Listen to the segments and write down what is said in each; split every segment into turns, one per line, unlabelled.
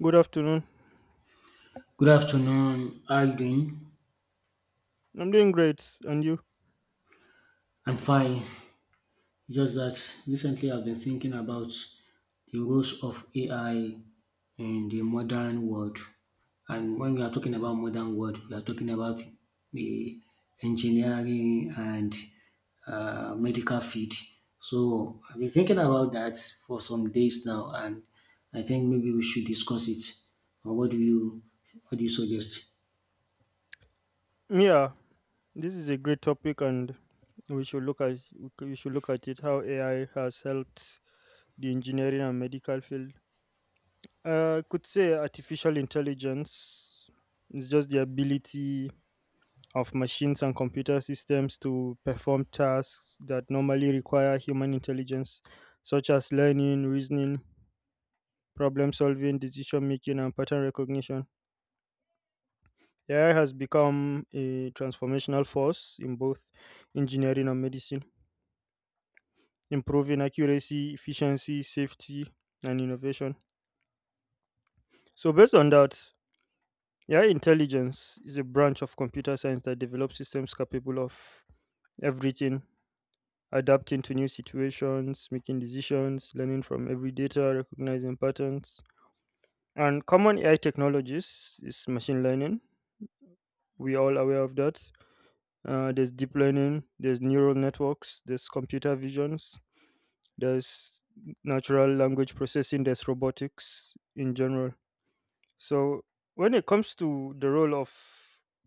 Good afternoon.
Good afternoon. How are you doing?
I'm doing great. And you?
I'm fine. Just that recently I've been thinking about the roles of AI in the modern world. And when we are talking about modern world, we are talking about the engineering and medical field. So I've been thinking about that for some days now, and I think maybe we should discuss it. Or what do you suggest?
Yeah, this is a great topic, and we should look at it how AI has helped the engineering and medical field. I could say artificial intelligence is just the ability of machines and computer systems to perform tasks that normally require human intelligence, such as learning, reasoning, problem solving, decision making, and pattern recognition. AI has become a transformational force in both engineering and medicine, improving accuracy, efficiency, safety, and innovation. So, based on that, AI intelligence is a branch of computer science that develops systems capable of everything, adapting to new situations, making decisions, learning from every data, recognizing patterns. And common AI technologies is machine learning. We all aware of that. There's deep learning, there's neural networks, there's computer visions, there's natural language processing, there's robotics in general. So when it comes to the role of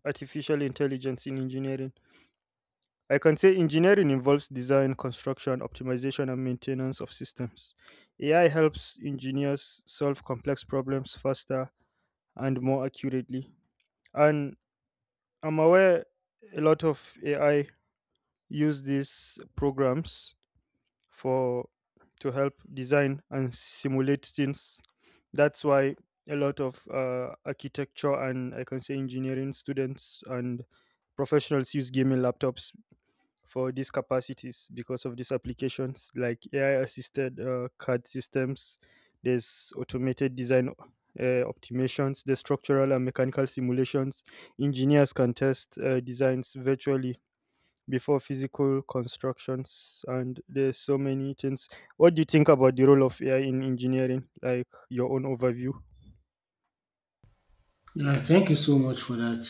artificial intelligence in engineering, I can say engineering involves design, construction, optimization, and maintenance of systems. AI helps engineers solve complex problems faster and more accurately. And I'm aware a lot of AI use these programs for to help design and simulate things. That's why a lot of architecture and I can say engineering students and professionals use gaming laptops for these capacities because of these applications like AI assisted CAD systems. There's automated design optimizations, there's structural and mechanical simulations. Engineers can test designs virtually before physical constructions, and there's so many things. What do you think about the role of AI in engineering, like your own overview?
Yeah, thank you so much for that.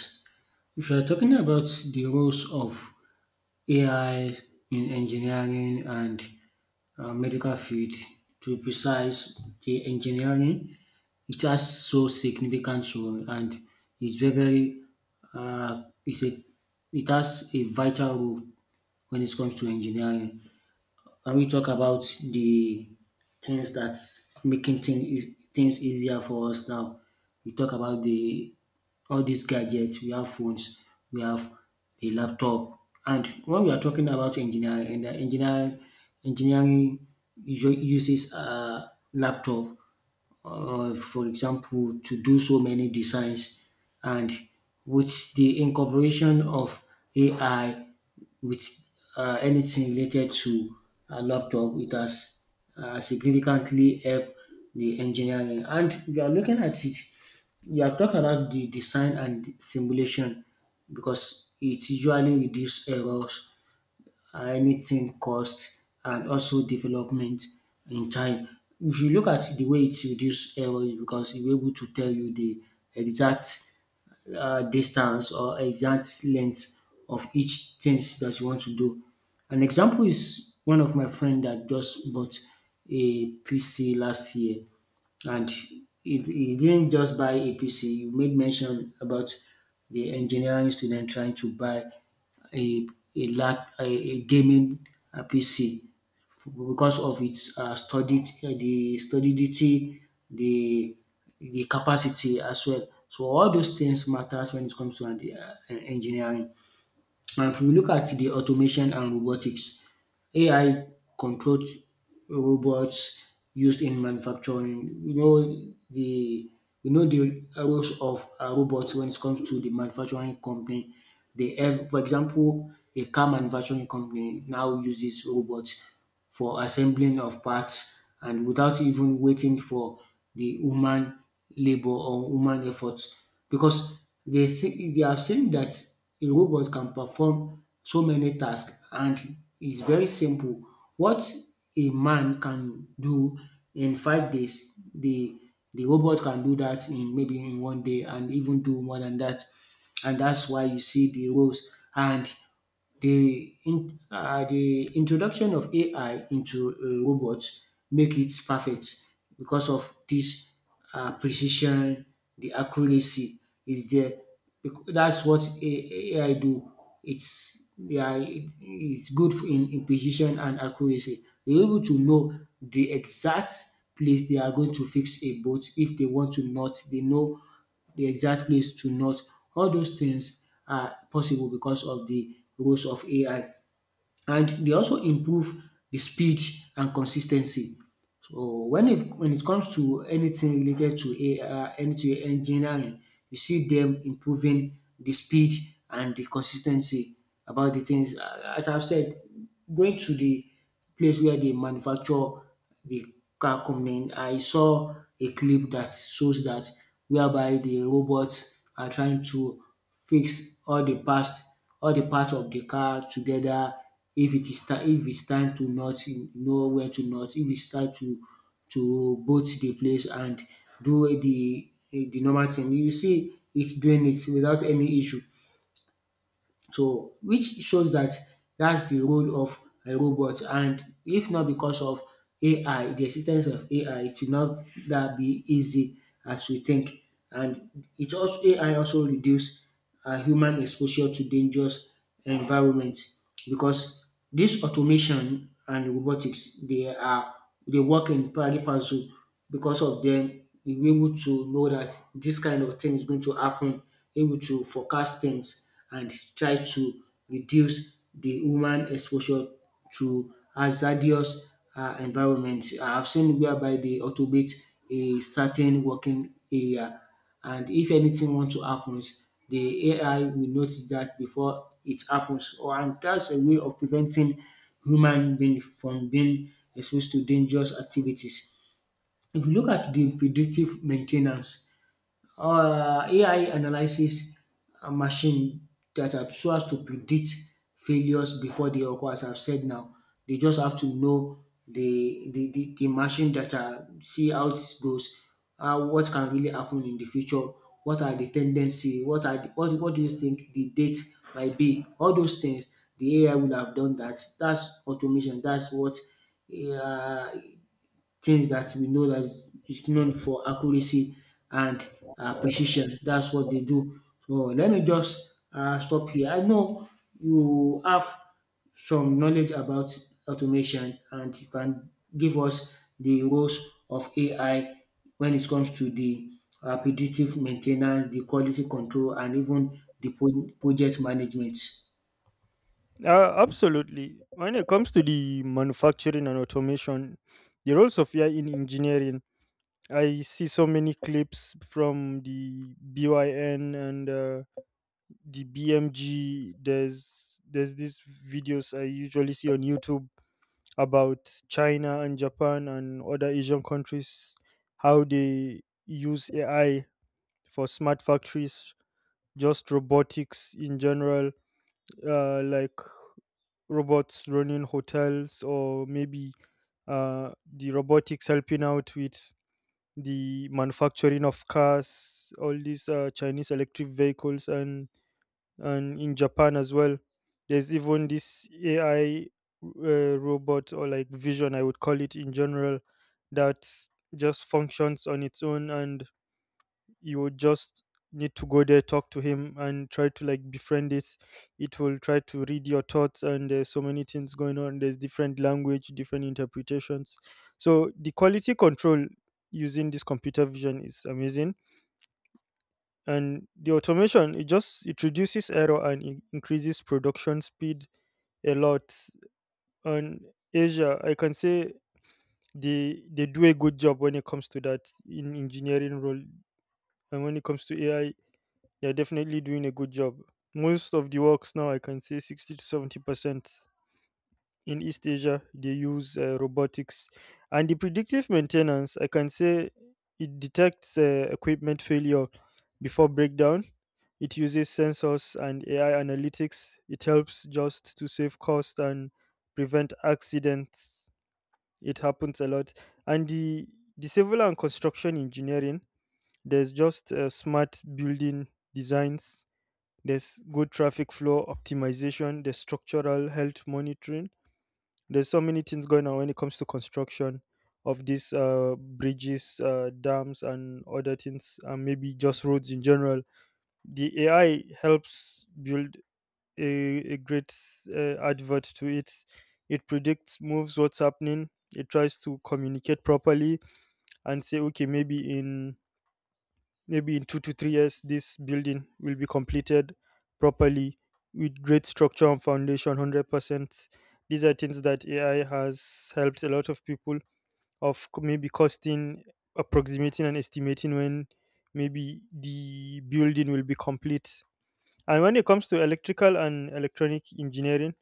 If you are talking about the roles of AI in engineering and medical field, to be precise, the engineering it has so significant role and it's very uh, it's a, it has a vital role when it comes to engineering when we talk about the things that's making things things easier for us now, we talk about the all these gadgets. We have phones, we have a laptop, and when we are talking about engineering, and the engineering usu- uses a laptop for example, to do so many designs. And with the incorporation of AI with anything related to a laptop, it has significantly helped the engineering. And if you are looking at it, you have talked about the design and simulation because it usually reduces errors anything cost and also development in time. If you look at the way it reduce error is because it will able to tell you the exact distance or exact length of each things that you want to do. An example is one of my friend that just bought a PC last year and you didn't just buy APC, you made mention about the engineering student trying to buy a, a gaming PC because of its studied, the solidity, the, the capacity as well. So all those things matters when it comes to engineering. And if we look at the automation and robotics, AI controlled robots used in manufacturing, you know the roles of robots when it comes to the manufacturing company. They help, for example, a car manufacturing company now uses robots for assembling of parts and without even waiting for the human labor or human effort because they think they have seen that a robot can perform so many tasks and it's very simple. What a man can do in 5 days, the robot can do that in maybe in one day and even do more than that. And that's why you see the roles and the introduction of AI into robots make it perfect because of this precision, the accuracy is there. That's what AI do. It's it's good in precision and accuracy. They're able to know the exact place they are going to fix a boat if they want to not. They know the exact place to not All those things are possible because of the rules of AI and they also improve the speed and consistency. So when it comes to anything related to AI, and to engineering, you see them improving the speed and the consistency about the things. As I've said, going to the place where they manufacture the car component, I saw a clip that shows that whereby the robots are trying to fix all the part of the car together if it's time to nut you know where to nut, if it's time to bolt the place and do the normal thing. You see it doing it without any issue. So which shows that that's the role of a robot and if not because of AI, the existence of AI, it will not that be easy as we think. And it also AI also reduce human exposure to dangerous environments because this automation and robotics they work in parallel puzzle because of them we will able to know that this kind of thing is going to happen, able to forecast things and try to reduce the human exposure to hazardous environment. I've seen whereby they automate a certain working area and if anything want to happen, the AI will notice that before it happens. Or and that's a way of preventing human being from being exposed to dangerous activities. If you look at the predictive maintenance, AI analyzes machine data so as to predict failures before they occur, as I've said now. They just have to know the machine data, see how it goes, what can really happen in the future, what are the tendency, what do you think the date might be, all those things. The AI would have done that. That's automation. That's what uh, things that we know that is known for accuracy and precision. That's what they do. So let me just stop here. I know you have some knowledge about automation and you can give us the roles of AI when it comes to the predictive maintenance, the quality control, and even the project management.
Absolutely. When it comes to the manufacturing and automation, the roles of AI in engineering, I see so many clips from the BYN and the BMG. There's these videos I usually see on YouTube about China and Japan and other Asian countries, how they use AI for smart factories, just robotics in general, like robots running hotels or maybe uh, the robotics helping out with the manufacturing of cars, all these Chinese electric vehicles, and in Japan as well. There's even this AI robot, or like vision I would call it in general, that just functions on its own, and you would just need to go there, talk to him, and try to like befriend it. It will try to read your thoughts, and there's so many things going on. There's different language, different interpretations. So the quality control using this computer vision is amazing, and the automation, it just, it reduces error and increases production speed a lot. On Asia, I can say they do a good job when it comes to that, in engineering role. And when it comes to AI, they're definitely doing a good job. Most of the works now, I can say 60 to 70% in East Asia, they use robotics. And the predictive maintenance, I can say it detects equipment failure before breakdown. It uses sensors and AI analytics. It helps just to save cost and prevent accidents. It happens a lot. And the civil and construction engineering, there's just smart building designs, there's good traffic flow optimization, there's structural health monitoring. There's so many things going on when it comes to construction of these bridges, dams, and other things, and maybe just roads in general. The AI helps build a great advert to it. It predicts moves, what's happening. It tries to communicate properly and say, okay, maybe in 2 to 3 years, this building will be completed properly with great structure and foundation, 100%. These are things that AI has helped a lot of people maybe costing, approximating, and estimating when maybe the building will be complete. And when it comes to electrical and electronic engineering,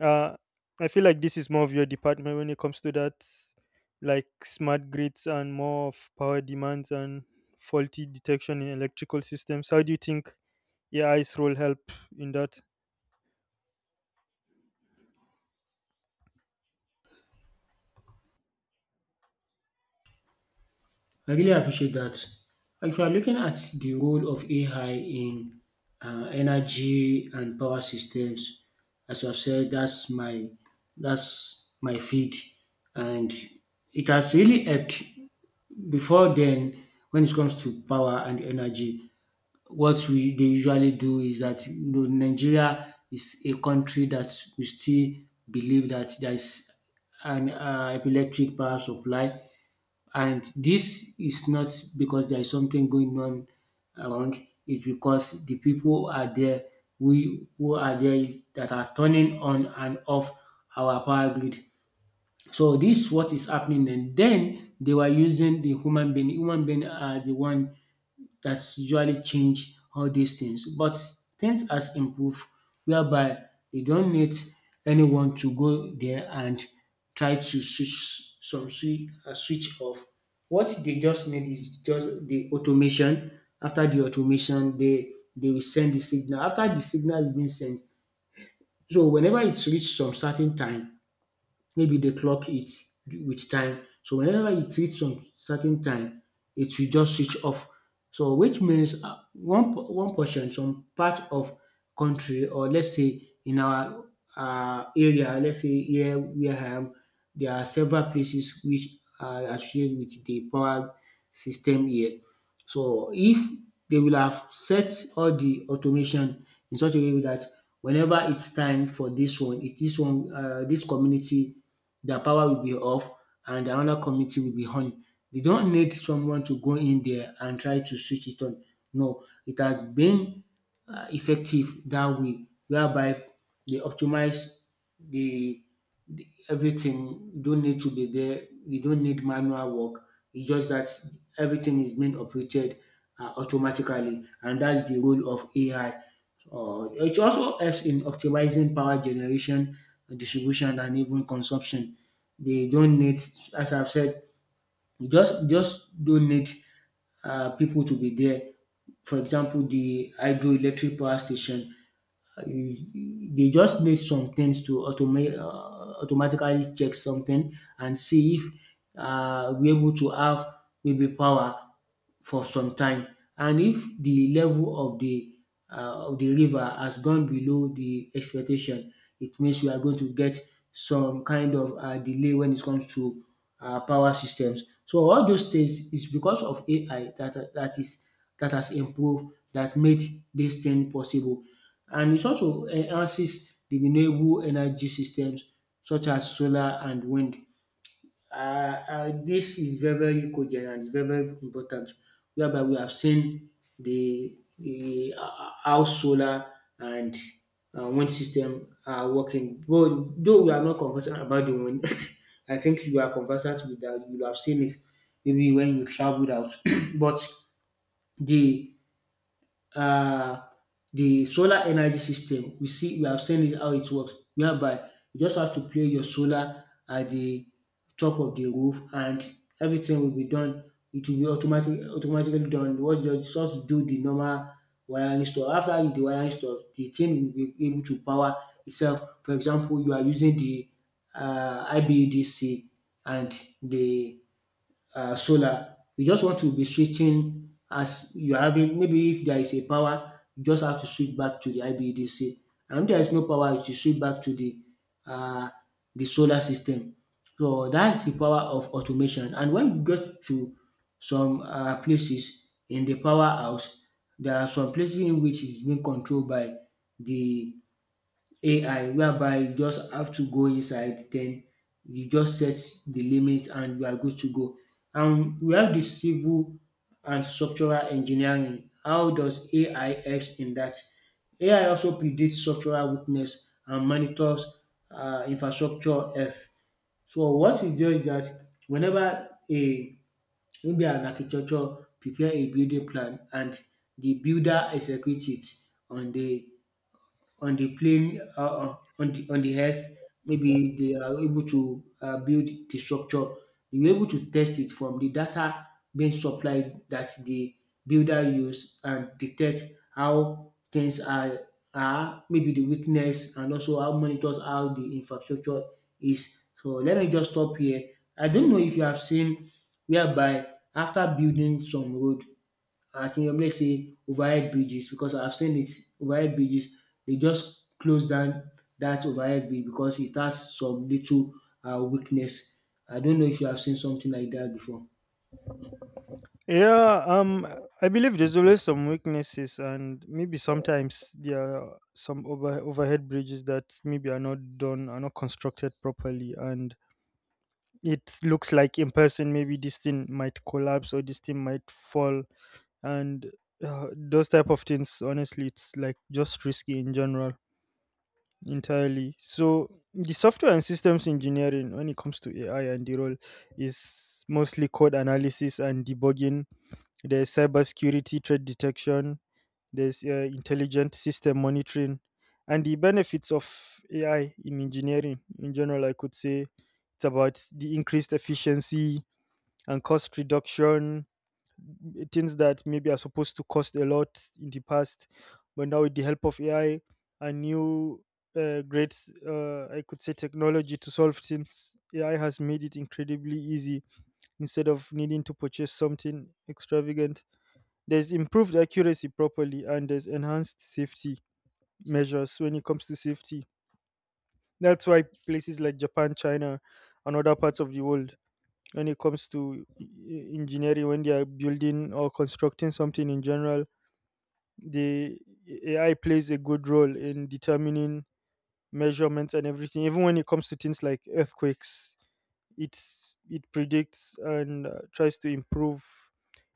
uh, I feel like this is more of your department when it comes to that, like smart grids and more of power demands and faulty detection in electrical systems. How do you think AI's role help in that?
I really appreciate that. Like, if you are looking at the role of AI in energy and power systems, as I've said, that's my feed, and it has really helped. Before then, when it comes to power and energy, what we they usually do is that you know, Nigeria is a country that we still believe that there is an electric power supply and this is not because there is something going on around. It's because the people are there we who are there that are turning on and off our power grid. So this is what is happening and then they were using the human being. Human being are the one that usually change all these things. But things has improved whereby they don't need anyone to go there and try to switch some switch off. What they just need is just the automation. After the automation, they will send the signal. After the signal is being sent, so whenever it's reached some certain time, maybe they clock it with time. So whenever it reach some certain time, it will just switch off. So which means one portion, some part of country, or let's say in our area, let's say here where I am, there are several places which are associated with the power system here. So if they will have set all the automation in such a way that whenever it's time for this one, this community their power will be off and the another committee will be on. They don't need someone to go in there and try to switch it on. No, it has been effective that way, whereby they optimize the, the everything. You don't need to be there. You don't need manual work. It's just that everything is being operated automatically, and that's the role of AI it also helps in optimizing power generation, distribution, and even consumption. They don't need, as I've said, you just don't need people to be there. For example, the hydroelectric power station. They just need some things to automate, automatically check something and see if we're able to have maybe power for some time. And if the level of the river has gone below the expectation, it means we are going to get some kind of delay when it comes to power systems. So all those things is because of AI that has improved that made this thing possible and it also enhances the renewable energy systems such as solar and wind. And dis is very cogent and very important whereby we have seen the how solar and wind system are working. Though we are not conversant about the wind I think you are conversant with that. You will have seen it maybe when you traveled out but the uh, the solar energy system. We have seen it how it works, whereby you just have to place your solar at the top of the roof and everything will be done. It will be automatically done. What you just do the normal wiring stuff. After you do the wiring stuff, the thing will be able to power itself. For example, you are using the IBUDC and the solar. You just want to be switching as you're having maybe if there is a power, you just have to switch back to the IBEDC. And if there is no power, you switch back to uh, the solar system. So that's the power of automation. And when you get to some places in the power house, there are some places in which it's being controlled by the AI, whereby you just have to go inside, then you just set the limit and you are good to go. And we have the civil and structural engineering. How does AI helps in that? AI also predicts structural weakness and monitors infrastructure health. So what it does is that whenever a maybe an architecture prepare a building plan and the builder executes it on the on the plane on the earth, maybe they are able to build the structure, they were able to test it from the data being supplied that the builder use, and detect how things are maybe the weakness, and also how monitors how the infrastructure is. So let me just stop here. I don't know if you have seen whereby after building some road at Inuyomi, say overhead bridges, because I've seen it. Overhead bridges, they just close down that overhead bridge because it has some little weakness. I don't know if you have seen something like that before.
Yeah, I believe there's always some weaknesses, and maybe sometimes there are some overhead bridges that maybe are not done, are not constructed properly, and it looks like in person maybe this thing might collapse or this thing might fall. And those type of things honestly, it's like just risky in general, entirely. So the software and systems engineering, when it comes to AI and the role, is mostly code analysis and debugging. There's cybersecurity threat detection, there's intelligent system monitoring. And the benefits of AI in engineering in general, I could say, it's about the increased efficiency and cost reduction. Things that maybe are supposed to cost a lot in the past, but now with the help of AI and new great, I could say, technology to solve things, AI has made it incredibly easy. Instead of needing to purchase something extravagant, there's improved accuracy properly, and there's enhanced safety measures when it comes to safety. That's why places like Japan, China, and other parts of the world, when it comes to engineering, when they are building or constructing something in general, the AI plays a good role in determining measurements and everything. Even when it comes to things like earthquakes, it predicts and tries to improve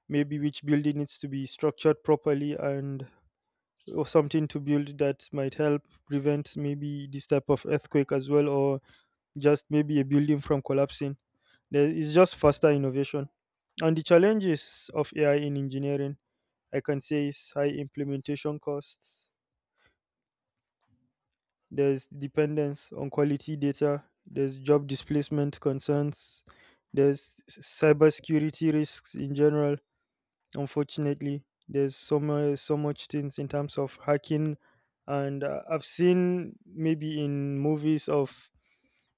maybe which building needs to be structured properly, and or something to build that might help prevent maybe this type of earthquake as well, or just maybe a building from collapsing. There is just faster innovation. And the challenges of AI in engineering, I can say, is high implementation costs, there's dependence on quality data, there's job displacement concerns, there's cybersecurity risks in general. Unfortunately, there's so much, so much things in terms of hacking, and I've seen maybe in movies of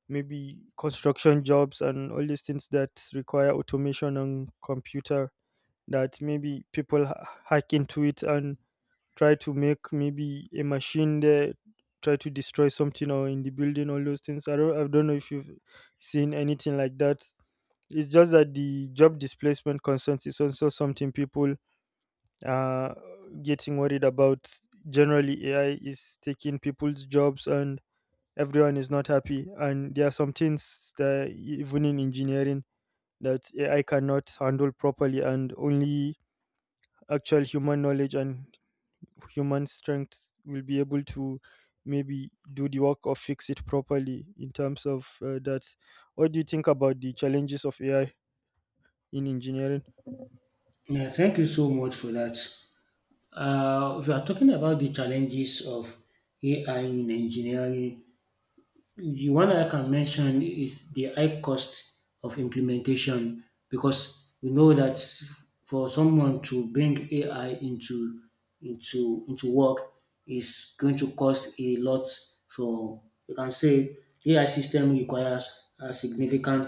maybe construction jobs and all these things that require automation and computer, that maybe people hack into it and try to make maybe a machine there try to destroy something or in the building, all those things. I don't know if you've seen anything like that. It's just that the job displacement concerns is also something people are getting worried about. Generally, AI is taking people's jobs and everyone is not happy, and there are some things that even in engineering that AI cannot handle properly, and only actual human knowledge and human strength will be able to maybe do the work or fix it properly, in terms of that. What do you think about the challenges of AI in engineering?
Yeah, thank you so much for that. If you are talking about the challenges of AI in engineering, the one I can mention is the high cost of implementation, because we know that for someone to bring AI into work is going to cost a lot. So you can say AI system requires a significant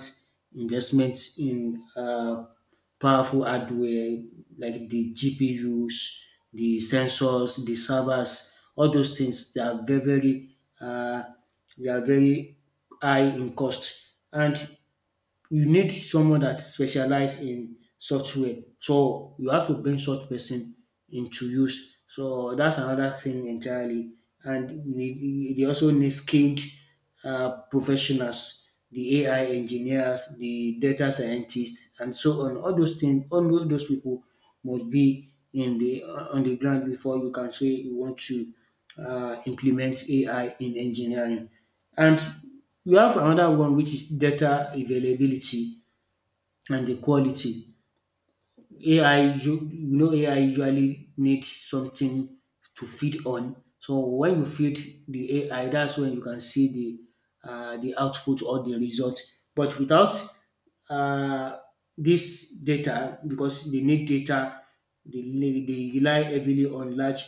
investment in powerful hardware like the GPUs, the sensors, the servers. All those things, they are very very they are very high in cost. And you need someone that specialize in software, so you have to bring such person into use. So that's another thing entirely. And they also need skilled professionals, the AI engineers, the data scientists, and so on. All those things, all those people must be in the on the ground before you can say you want to implement AI in engineering. And we have another one, which is data availability and the quality. You know, AI usually need something to feed on. So when you feed the AI, that's when you can see the output or the result. But without uh, this data, because they need data. They rely heavily on large,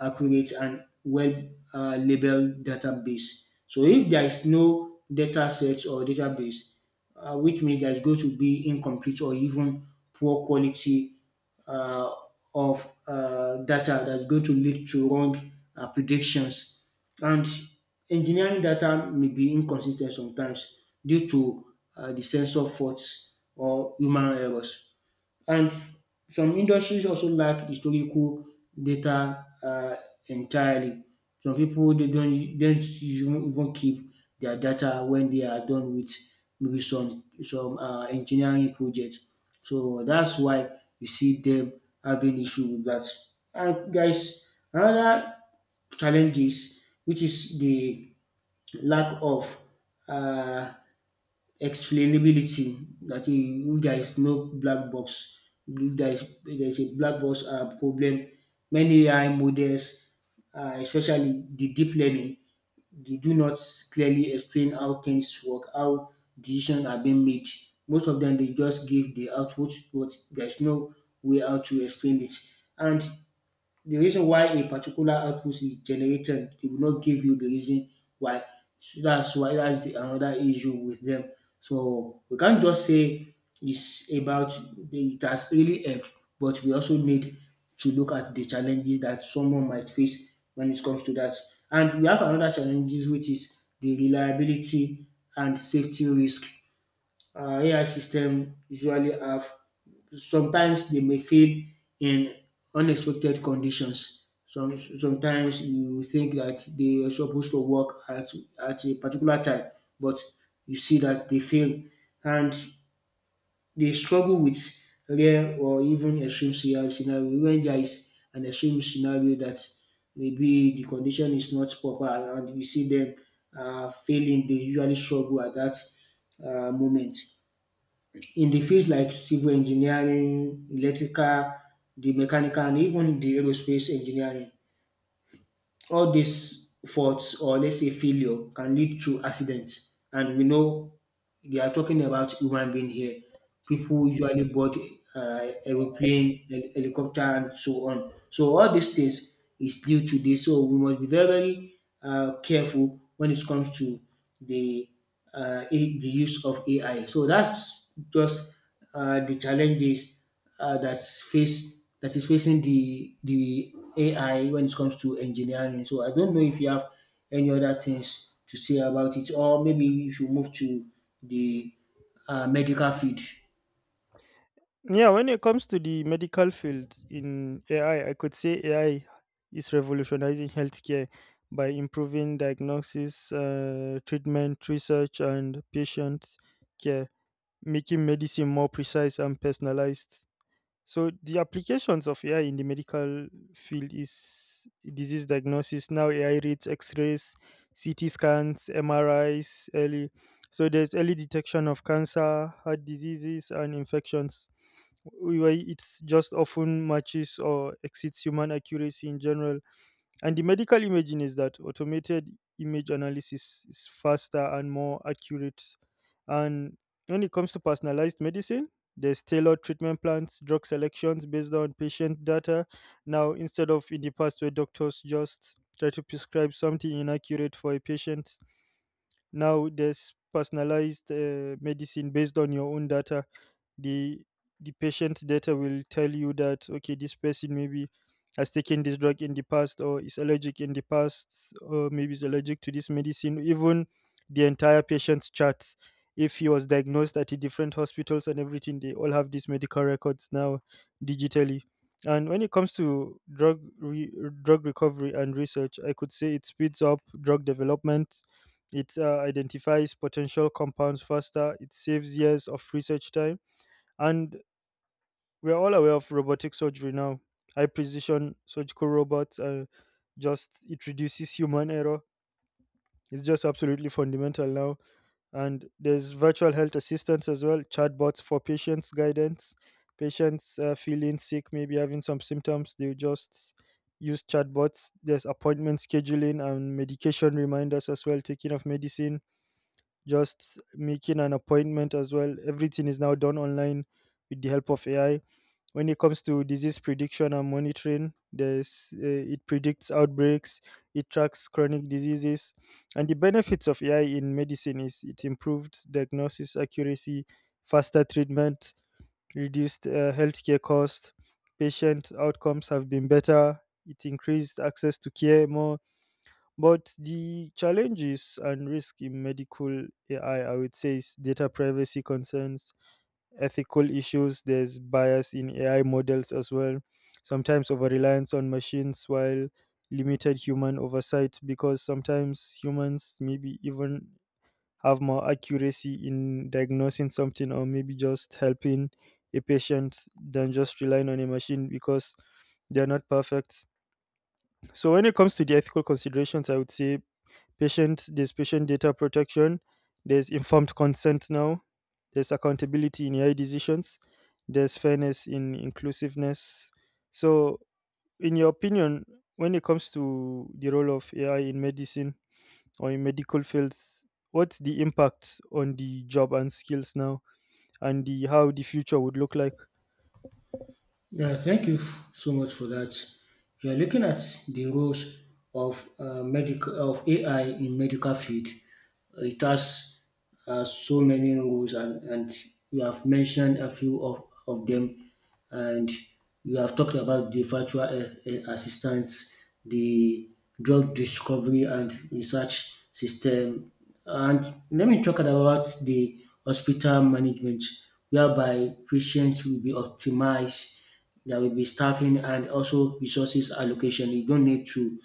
accurate, and well labeled database. So if there is no data set or database, which means there is going to be incomplete or even poor quality uh, of data, that's going to lead to wrong predictions. And engineering data may be inconsistent sometimes due to the sensor faults or human errors. And some industries also lack historical data entirely. Some people they don't even keep their data when they are done with maybe some engineering projects. So that's why you see them having issue with that. And guys, another challenges, which is the lack of uh, explainability. That is, if there is a black box problem, many AI models, especially the deep learning, they do not clearly explain how things work, how decisions are being made. Most of them they just give the output, but there's no way how to explain it. And the reason why a particular output is generated, they will not give you the reason why. So that's why another issue with them. So we can't just say it's about it has really helped, but we also need to look at the challenges that someone might face when it comes to that. And we have another challenges, which is the reliability and safety risk AI system usually have. Sometimes they may fail in unexpected conditions. Sometimes you think that they were supposed to work at a particular time, but you see that they fail, and they struggle with rare or even extreme scenario. When there is an extreme scenario that maybe the condition is not proper, and you see them failing, they usually struggle at that moment, in the fields like civil engineering, electrical, the mechanical, and even the aerospace engineering. All these faults, or let's say failure, can lead to accidents. And we know they are talking about human being here. People usually board aeroplane, helicopter, and so on. So all these things is due to this. So we must be very, very careful when it comes to the the use of AI. So that's just the challenges that is facing the AI when it comes to engineering. So I don't know if you have any other things to say about it, or maybe you should move to the medical field.
Yeah, when it comes to the medical field in AI, I could say AI is revolutionizing healthcare by improving diagnosis, treatment, research, and patient care, making medicine more precise and personalized. So the applications of AI in the medical field is disease diagnosis. Now AI reads X-rays, CT scans, MRIs early. So there's early detection of cancer, heart diseases, and infections, where it's just often matches or exceeds human accuracy in general. And the medical imaging is that automated image analysis is faster and more accurate. And when it comes to personalized medicine, there's tailored treatment plans, drug selections based on patient data. Now, instead of in the past where doctors just try to prescribe something inaccurate for a patient, now there's personalized medicine based on your own data. The the patient data will tell you that, okay, this person maybe has taken this drug in the past or is allergic in the past, or maybe is allergic to this medicine. Even the entire patient's chart, if he was diagnosed at the different hospitals and everything, they all have these medical records now digitally. And when it comes to drug recovery and research, I could say it speeds up drug development. It identifies potential compounds faster. It saves years of research time. And we're all aware of robotic surgery now. High precision surgical robots, just it reduces human error. It's just absolutely fundamental now. And there's virtual health assistance as well, chatbots for patients' guidance. Patients feeling sick, maybe having some symptoms, they just use chatbots. There's appointment scheduling and medication reminders as well, taking of medicine, just making an appointment as well. Everything is now done online with the help of AI. When it comes to disease prediction and monitoring, there's it predicts outbreaks, it tracks chronic diseases. And the benefits of AI in medicine is it improved diagnosis accuracy, faster treatment, reduced healthcare cost, patient outcomes have been better. It increased access to care, more. But the challenges and risk in medical AI, I would say, is data privacy concerns, ethical issues. There's bias in AI models as well. Sometimes over reliance on machines, while limited human oversight, because sometimes humans maybe even have more accuracy in diagnosing something or maybe just helping a patient than just relying on a machine, because they're not perfect. So when it comes to the ethical considerations, I would say, patient there's patient data protection, there's informed consent now, there's accountability in AI decisions, there's fairness in inclusiveness. So, in your opinion, when it comes to the role of AI in medicine or in medical fields, what's the impact on the job and skills now, and the how the future would look like?
Yeah, thank you so much for that. We are looking at the roles of medical of AI in medical field. It has so many roles, and you have mentioned a few of them, and you have talked about the virtual health assistants, the drug discovery and research system. And let me talk about the hospital management, whereby patients will be optimized, there will be staffing and also resources allocation. You don't need to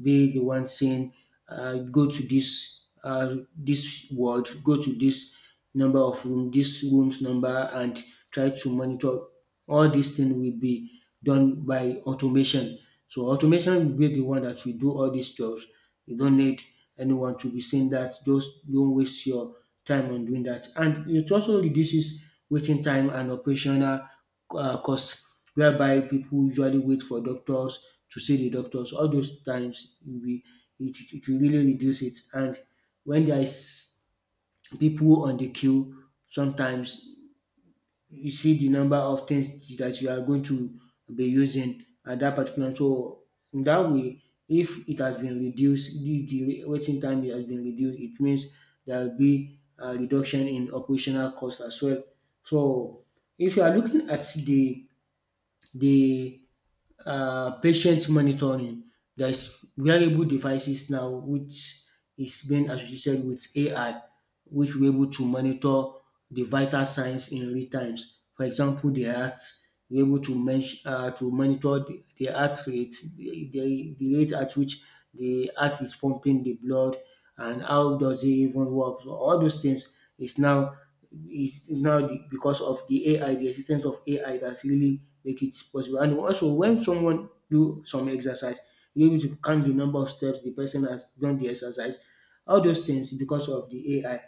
be the one saying, go to this this ward, go to this number of room, this room's number, and try to monitor. All these things will be done by automation. So automation will be the one that will do all these jobs. You don't need anyone to be saying that. Just don't waste your time on doing that. And it also reduces waiting time and operational costs, whereby people usually wait for doctors to see the doctors. All those times, we it will really reduce it. And when there is people on the queue, sometimes you see the number of things that you are going to be using at that particular. So in that way, if it has been reduced, the waiting time has been reduced, it means there will be a reduction in operational cost as well. So if you are looking at the the patient monitoring, there's wearable devices now which is being associated with AI, which we're able to monitor the vital signs in real times. For example, the heart, we're able to monitor the heart rate, the rate at which the heart is pumping the blood, and how does it even work? So all those things is now because of the AI, the existence of AI, that's really make it possible. And also when someone do some exercise, you able to count the number of steps the person has done the exercise. All those things because of the AI.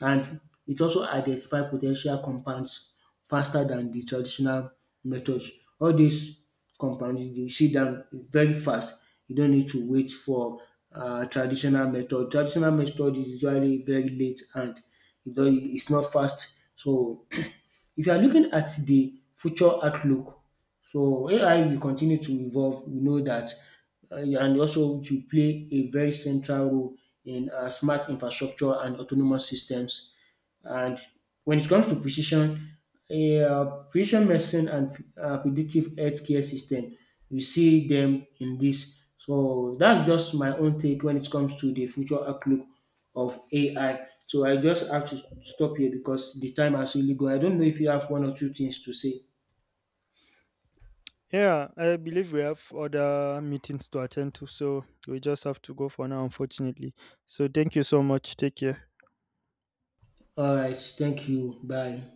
And it also identify potential compounds faster than the traditional methods. All these compounds you see them very fast, you don't need to wait for traditional method. Traditional method is usually very late and e don is not fast. So if you are looking at the future outlook, so AI will continue to evolve. We know that, and also to play a very central role in smart infrastructure and autonomous systems. And when it comes to precision medicine and predictive healthcare system, you see them in this. So that's just my own take when it comes to the future outlook of AI. So I just have to stop here because the time has really gone. I don't know if you have one or two things to say.
Yeah, I believe we have other meetings to attend to, so we just have to go for now, unfortunately. So thank you so much. Take care.
All right, thank you. Bye.